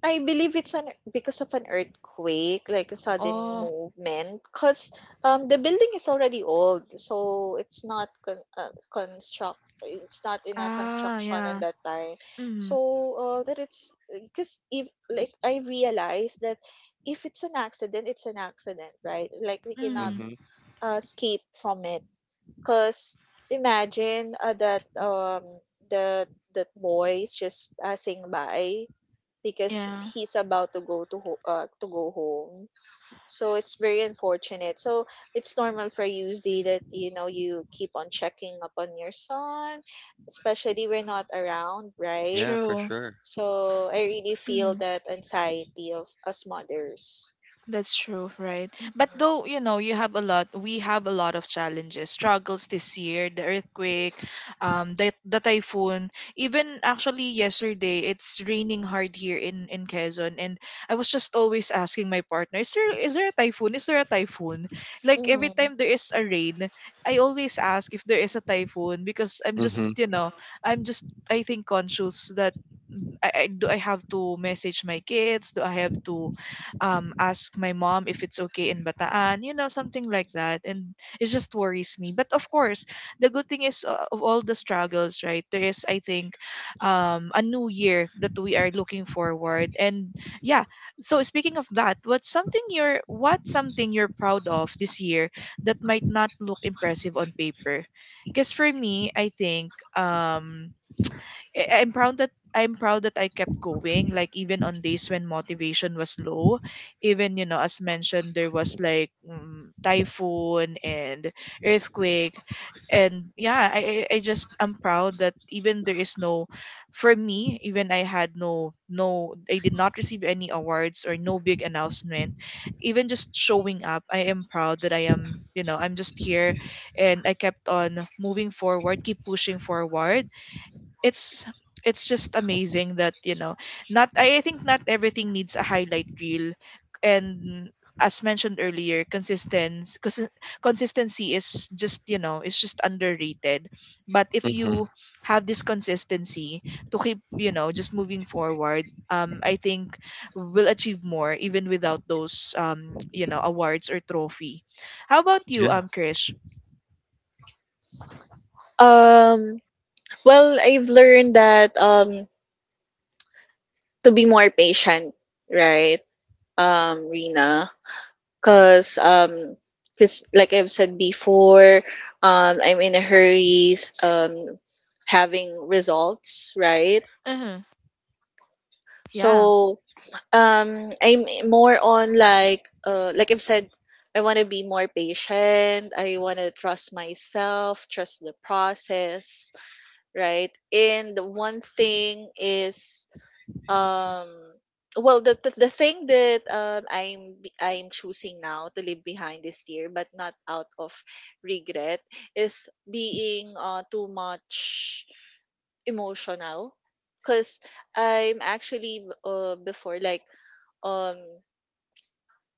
C: I believe it's an because of an earthquake, like a sudden
B: Oh.
C: movement, because the building is already old, so it's not construct, it's not in a
B: Ah,
C: construction at
B: yeah.
C: that time.
B: Mm.
C: So that it's because if like I realized that if it's an accident, it's an accident, right? Like we cannot
B: Mm.
A: Hmm.
C: escape from it. Cause imagine that the that boy's just passing by because
B: Yeah.
C: he's about to go to go home. So it's very unfortunate. So it's normal for you, Z, that you know you keep on checking up on your son, especially we're not around, right?
A: Yeah, for
B: True.
A: sure.
C: So I really feel
B: Mm-hmm.
C: that anxiety of us mothers.
B: That's true, right? But
C: Hmm.
B: though, you know, you have a lot, we have a lot of challenges, struggles this year, the earthquake, the typhoon. Even actually yesterday, it's raining hard here in, Quezon. And I was just always asking my partner, is there a typhoon? Is there a typhoon? Like every
C: Hmm.
B: time there is a rain, I always ask if there is a typhoon, because
A: Hmm.
B: I'm just, I think, conscious that, I do I have to message my kids? Do I have to ask my mom if it's okay in Bataan, you know, something like that. And it just worries me. But of course, the good thing is, of all the struggles, right? There is, I think, a new year that we are looking forward. And yeah, so speaking of that, what's something you're proud of this year that might not look impressive on paper? Because for me, I think I'm proud that I kept going, like even on days when motivation was low, even you know as mentioned there was like, typhoon and earthquake. And yeah, I'm proud that even there is no, for me, even I had no I did not receive any awards or no big announcement, even just showing up I am proud that I am you know I'm just here, and I kept on moving forward, keep pushing forward. It's it's just amazing that, you know, not I, I think not everything needs a highlight reel. And as mentioned earlier, consistency is just, you know, it's just underrated. But if
A: Hmm.
B: you have this consistency to keep, you know, just moving forward, I think we'll achieve more even without those you know awards or trophy. How about you,
A: Yeah,
B: Krish?
C: Um. Well, I've learned that to be more patient, right? Rina, because cause like I've said before, I'm in a hurry, um, having results, right?
B: Uh-huh. Yeah.
C: So um I'm more on like I've said, I want to be more patient. I want to trust myself, trust the process, right? And the one thing is um well the the thing that I'm choosing now to leave behind this year but not out of regret is being too much emotional, because I'm actually before like um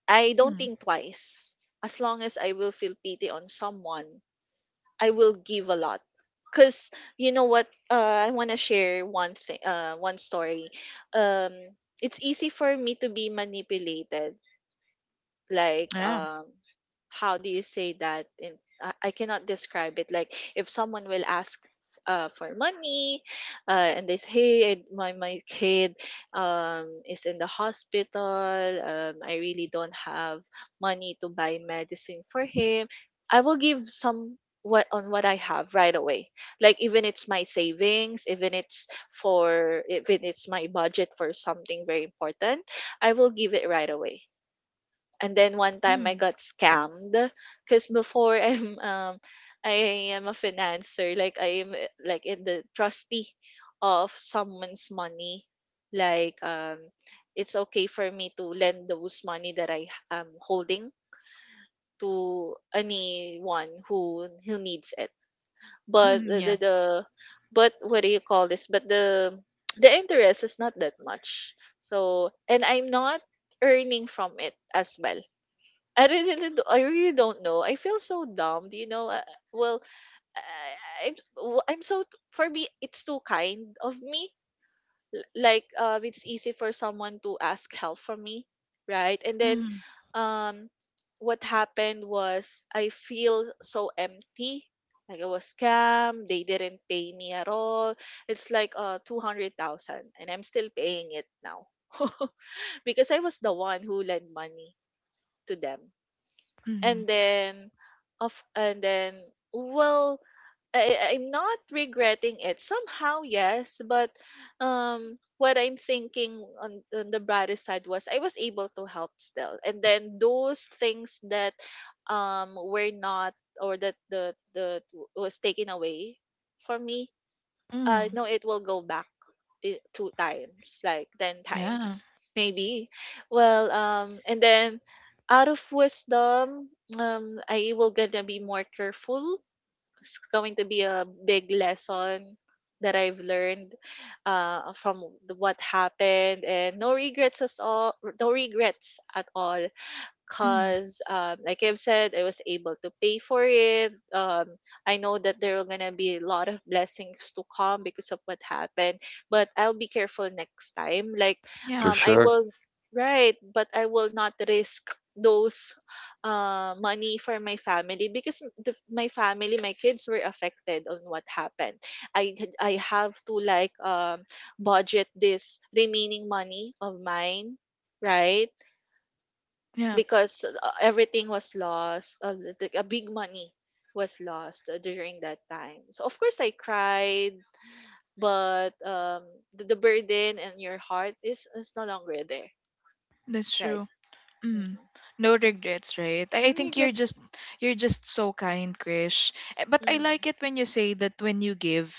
C: I don't
B: Mm.
C: think twice. As long as I will feel pity on someone, I will give a lot. Cause you know what? I wanna share one thing. One story. Um, it's easy for me to be manipulated, like
B: Yeah.
C: how do you say that in, I cannot describe it. Like if someone will ask for money and they say, hey, my kid is in the hospital, I really don't have money to buy medicine for him, I will give some what on what I have right away, like even it's my savings, even it's for, even it's my budget for something very important, I will give it right away. And then one time I
B: Mm.
C: got scammed because before I am a financer, like I am like in the trustee of someone's money, like it's okay for me to lend those money that I am holding to anyone who needs it, but
B: Mm.
C: the,
B: Yeah.
C: the but what do you call this, but the the interest is not that much, so and I'm not earning from it as well. I really don't- I really don't know. I feel so dumb. Do you know? Well, I, I'm, w- I'm so. For me, it's too kind of me. Like, it's easy for someone to ask help from me, right? And then, um, what happened was I feel so empty. Like I was scammed. They didn't pay me at all. It's like 200,000, and I'm still paying it now because I was the one who lent money to them. and
B: Mm,
C: then of and then well, I'm not regretting it somehow, yes, but what I'm thinking on the brighter side was I was able to help still. And then those things that were not, or that the was taken away from me,
B: mm,
C: no, it will go back two times, like 10
B: yeah,
C: times, maybe. Well, and then out of wisdom, um, I will gonna be more careful. It's going to be a big lesson that I've learned from the what happened, and no regrets at all. No regrets at all.
B: mm,
C: Cause like I've said, I was able to pay for it. I know that there are gonna be a lot of blessings to come because of what happened. But I'll be careful next time. Like
B: yeah,
A: for
C: I
A: sure.
C: will, right, but I will not risk those money for my family, because the, my family, my kids were affected on what happened. I have to like budget this remaining money of mine, right?
B: yeah,
C: Because everything was lost like a big money was lost during that time, so of course I cried. But the burden and your heart is no longer there,
B: that's
C: right?
B: true. Mm.
C: Mm-hmm.
B: No regrets, right? I
C: Your
B: think
C: regrets.
B: you're just so kind, Krish. But I
C: Mm-hmm.
B: like it when you say that when you give,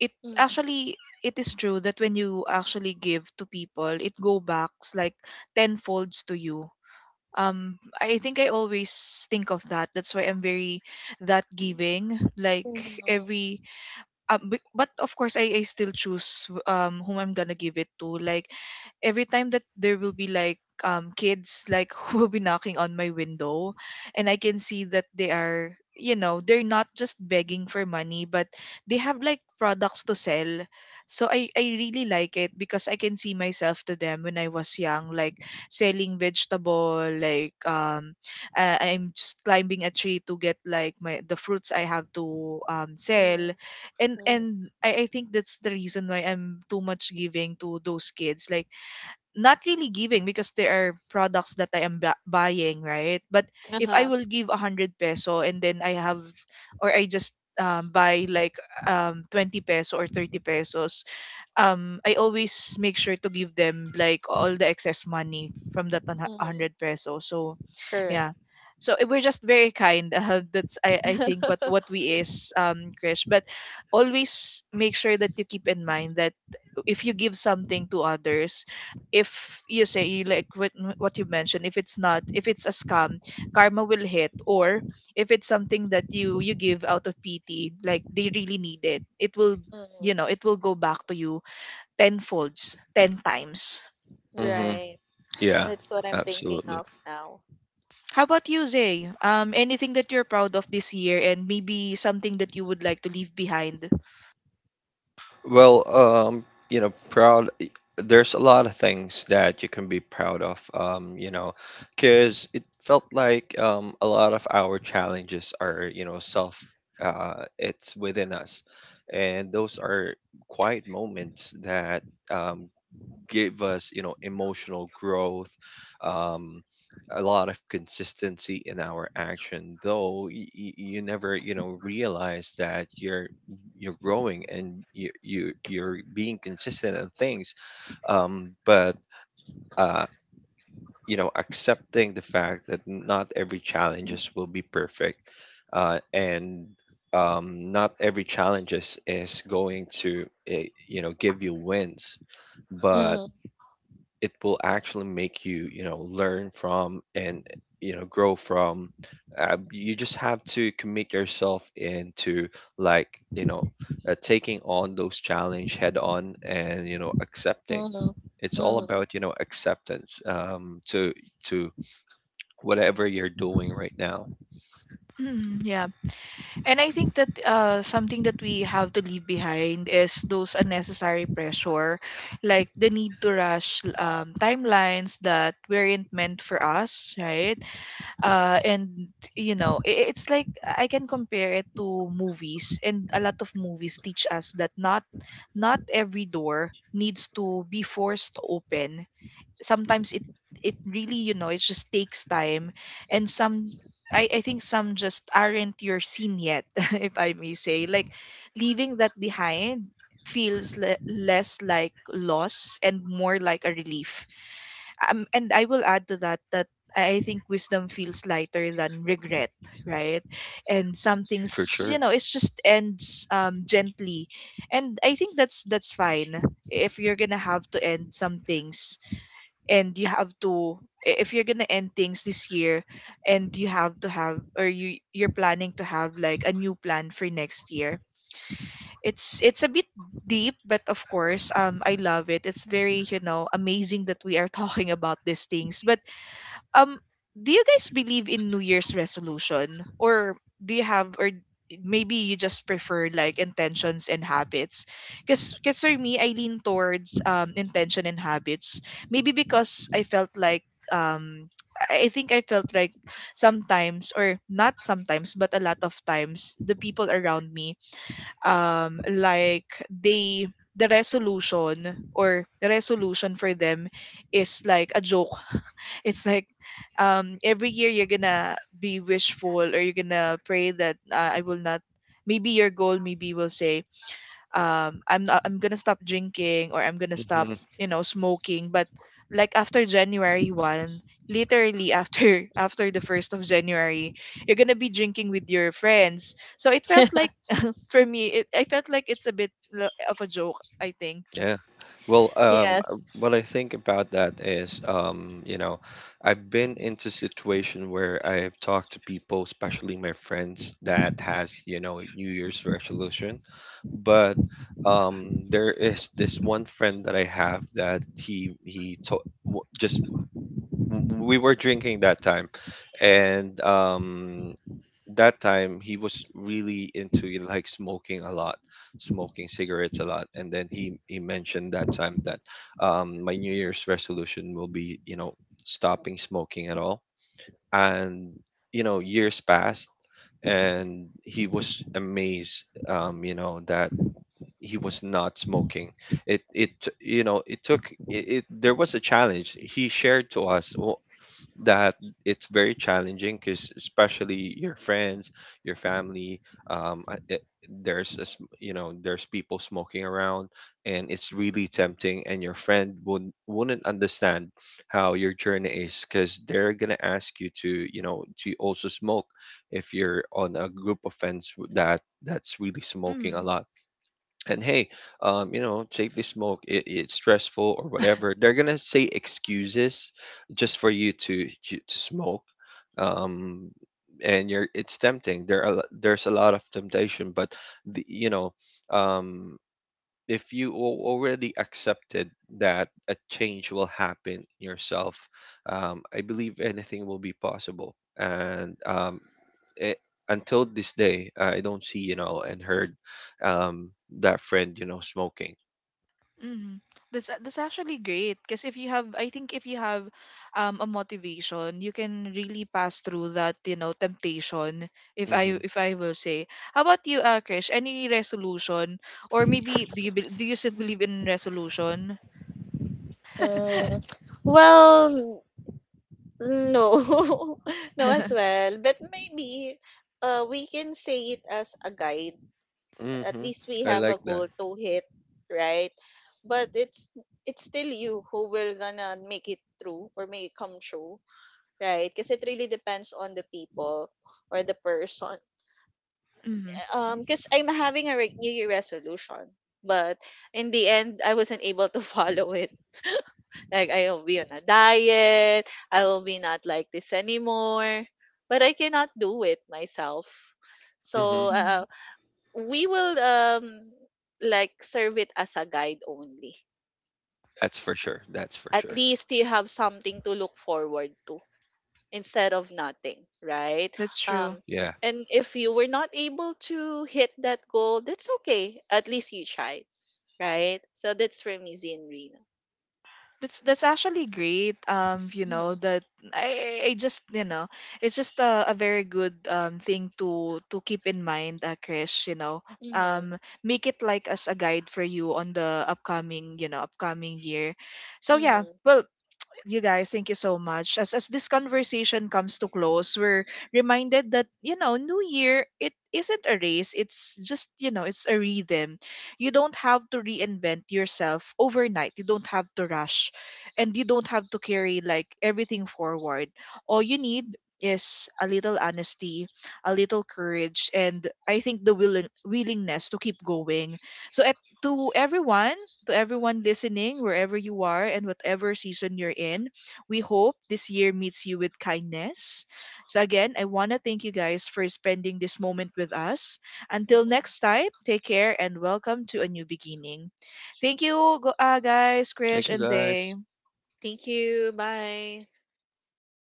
B: it
C: Mm-hmm.
B: actually it is true that when you actually give to people, it go backs like tenfolds to you. I think I always think of that. That's why I'm very that giving. Like every, but of course I still choose whom I'm gonna give it to. Like every time that there will be like kids like who will be knocking on my window, and I can see that they are you know they're not just begging for money, but they have like products to sell. So I really like it because I can see myself to them when I was young, like selling vegetable, like, I'm just climbing a tree to get like my the fruits I have to sell.
C: Mm-hmm.
B: And I think that's the reason why I'm too much giving to those kids, like not really giving because there are products that I am buying, right? But if I
C: Uh-huh.
B: will give 100 peso and then I have, or I just buy like 20 peso or 30 pesos, I always make sure to give them like all the excess money from that
C: Mm-hmm.
B: hundred peso. So
C: Correct.
B: yeah. So we're just very kind that's, I think, what we is, Krish. But always make sure that you keep in mind that if you give something to others, if you say you like, what you mentioned, if it's not, if it's a scam, karma will hit. Or if it's something that you give out of pity, like they really need it, it will you
C: Mm-hmm.
B: know it will go back to you tenfolds 10 times.
A: Hmm.
C: Right.
A: Yeah,
C: That's what I'm thinking
A: absolutely.
C: of now.
B: How about you, Zay? Anything that you're proud of this year and maybe something that you would like to leave behind?
A: Well, um, you know, proud. There's a lot of things that you can be proud of, you know, because it felt like a lot of our challenges are, you know, it's within us. And those are quiet moments that um, gave us you know emotional growth, um a lot of consistency in our action, though you never you know realize that you're growing and you're being consistent in things. But uh you know, accepting the fact that not every challenges will be perfect, and not every challenges is going to you know give you wins, but
C: Mm-hmm.
A: it will actually make you you know learn from and you know grow from. You just have to commit yourself into like you know taking on those challenge head on, and you know accepting. It's all
C: Mm-hmm.
A: about you know acceptance to to whatever you're doing right now.
B: Mm, yeah. And I think that something that we have to leave behind is those unnecessary pressure, like the need to rush timelines that weren't meant for us, right? And, you know, I- It's like I can compare it to movies, and a lot of movies teach us that not every door needs to be forced open. Sometimes it really it just takes time. And some, I think some just aren't your scene yet if I may say. Like leaving that behind feels less like loss and more like a relief. And I will add to that that I think wisdom feels lighter than regret, right? And some
A: For
B: things,
A: sure.
B: it just ends gently. And I think that's fine. If you're gonna have to end some things, and you have to, if you're gonna end things this year, and you have to have, or you're planning to have like a new plan for next year. It's a bit deep, but of course I love it. It's very amazing that we are talking about these things. But um do you guys believe in new year's resolution? Or do you have, or maybe you just prefer like intentions and habits? Because for me, I lean towards intention and habits, maybe because I felt like, um I think I felt like sometimes, or not sometimes but a lot of times, the people around me, like they, the resolution for them is like a joke. It's like, every year you're gonna be wishful, or you're gonna pray that I will not, maybe your goal, maybe will say, I'm not, I'm gonna stop drinking, or I'm gonna stop, smoking. But like after January 1st, literally after after the 1st of January, you're gonna be drinking with your friends. So it felt like, for me, I felt like it's a bit of a joke, I think.
A: Yeah. Well,
C: Yes.
A: what I think about that is, you know, I've been into situation where I've talked to people, especially my friends, that has, you know, New Year's resolution. But there is this one friend that I have that he to w- just w- we were drinking that time, and that time he was really into like smoking cigarettes a lot. And then he mentioned that time that my new year's resolution will be you know stopping smoking at all. And you know years passed, and he was amazed, you know, that he was not smoking. You know, it, there was a challenge he shared to us. Well, that it's very challenging because especially your friends, your family, it, there's a, you know there's people smoking around, and it's really tempting, and your friend would wouldn't understand how your journey is, because they're gonna ask you to you know to also smoke if you're on a group of friends that that's really smoking a
B: Mm,
A: lot. And hey, you know take the smoke, it, it's stressful, or whatever they're gonna say excuses just for you to smoke. um and you're, it's tempting. There's a lot of temptation, but the, you know, um if already accepted that a change will happen in yourself, I believe anything will be possible. And it, until this day, I don't see, you know, and heard um, that friend, you know, smoking.
B: mm. That's that's actually great, because if you have, I think if you have a motivation, you can really pass through that temptation,
A: Mm-hmm.
B: if I will say. How about you, Krish, any resolution? Or maybe do you bel do you still believe in resolution?
C: Mm. Well. Mm, no, no as well. But maybe we can say it as a guide. At
A: Mm-hmm.
C: least we
A: I
C: have a
A: like that.
C: goal to hit, right? But it's still you who will gonna make it through or make it come true, right? Because it really depends on the people or the person
B: Mm,
C: because I'm having a New Year resolution, but in the end, I wasn't able to follow it. Like I will be on a diet. I will be not like this anymore. But I cannot do it myself. So
A: Mm-hmm.
B: mm,
C: we will like serve it as a guide only.
A: That's for sure. That's for
C: At
A: sure.
C: least you have something to look forward to instead of nothing, right?
B: that's true.
C: Um,
A: Yeah.
C: and if you were not able to hit that goal, that's okay. At least you tried, right? So that's for me, Zin Rina.
B: That's actually great. You
C: Mm-hmm,
B: know that I just, it's just a very good thing to keep in mind, Krish. You know,
C: mm-hmm,
B: make it like as a guide for you on the upcoming, upcoming year. So yeah,
C: mm-hmm,
B: well, you guys, thank you so much. As this conversation comes to close, we're reminded that, you know, New Year, it isn't a race. It's just, you know, it's a rhythm. You don't have to reinvent yourself overnight. You don't have to rush, and you don't have to carry like everything forward. All you need is a little honesty, a little courage, and I think the willingness to keep going. So at to everyone, listening, wherever you are and whatever season you're in. We hope this year meets you with kindness. So again, I want to thank you guys for spending this moment with us. Until next
C: mm-hmm.
B: time, take care and welcome to a new beginning. Thank you, guys,
A: Thank
B: Krish
A: you,
B: and
A: guys.
B: Zay.
C: Thank you. Bye.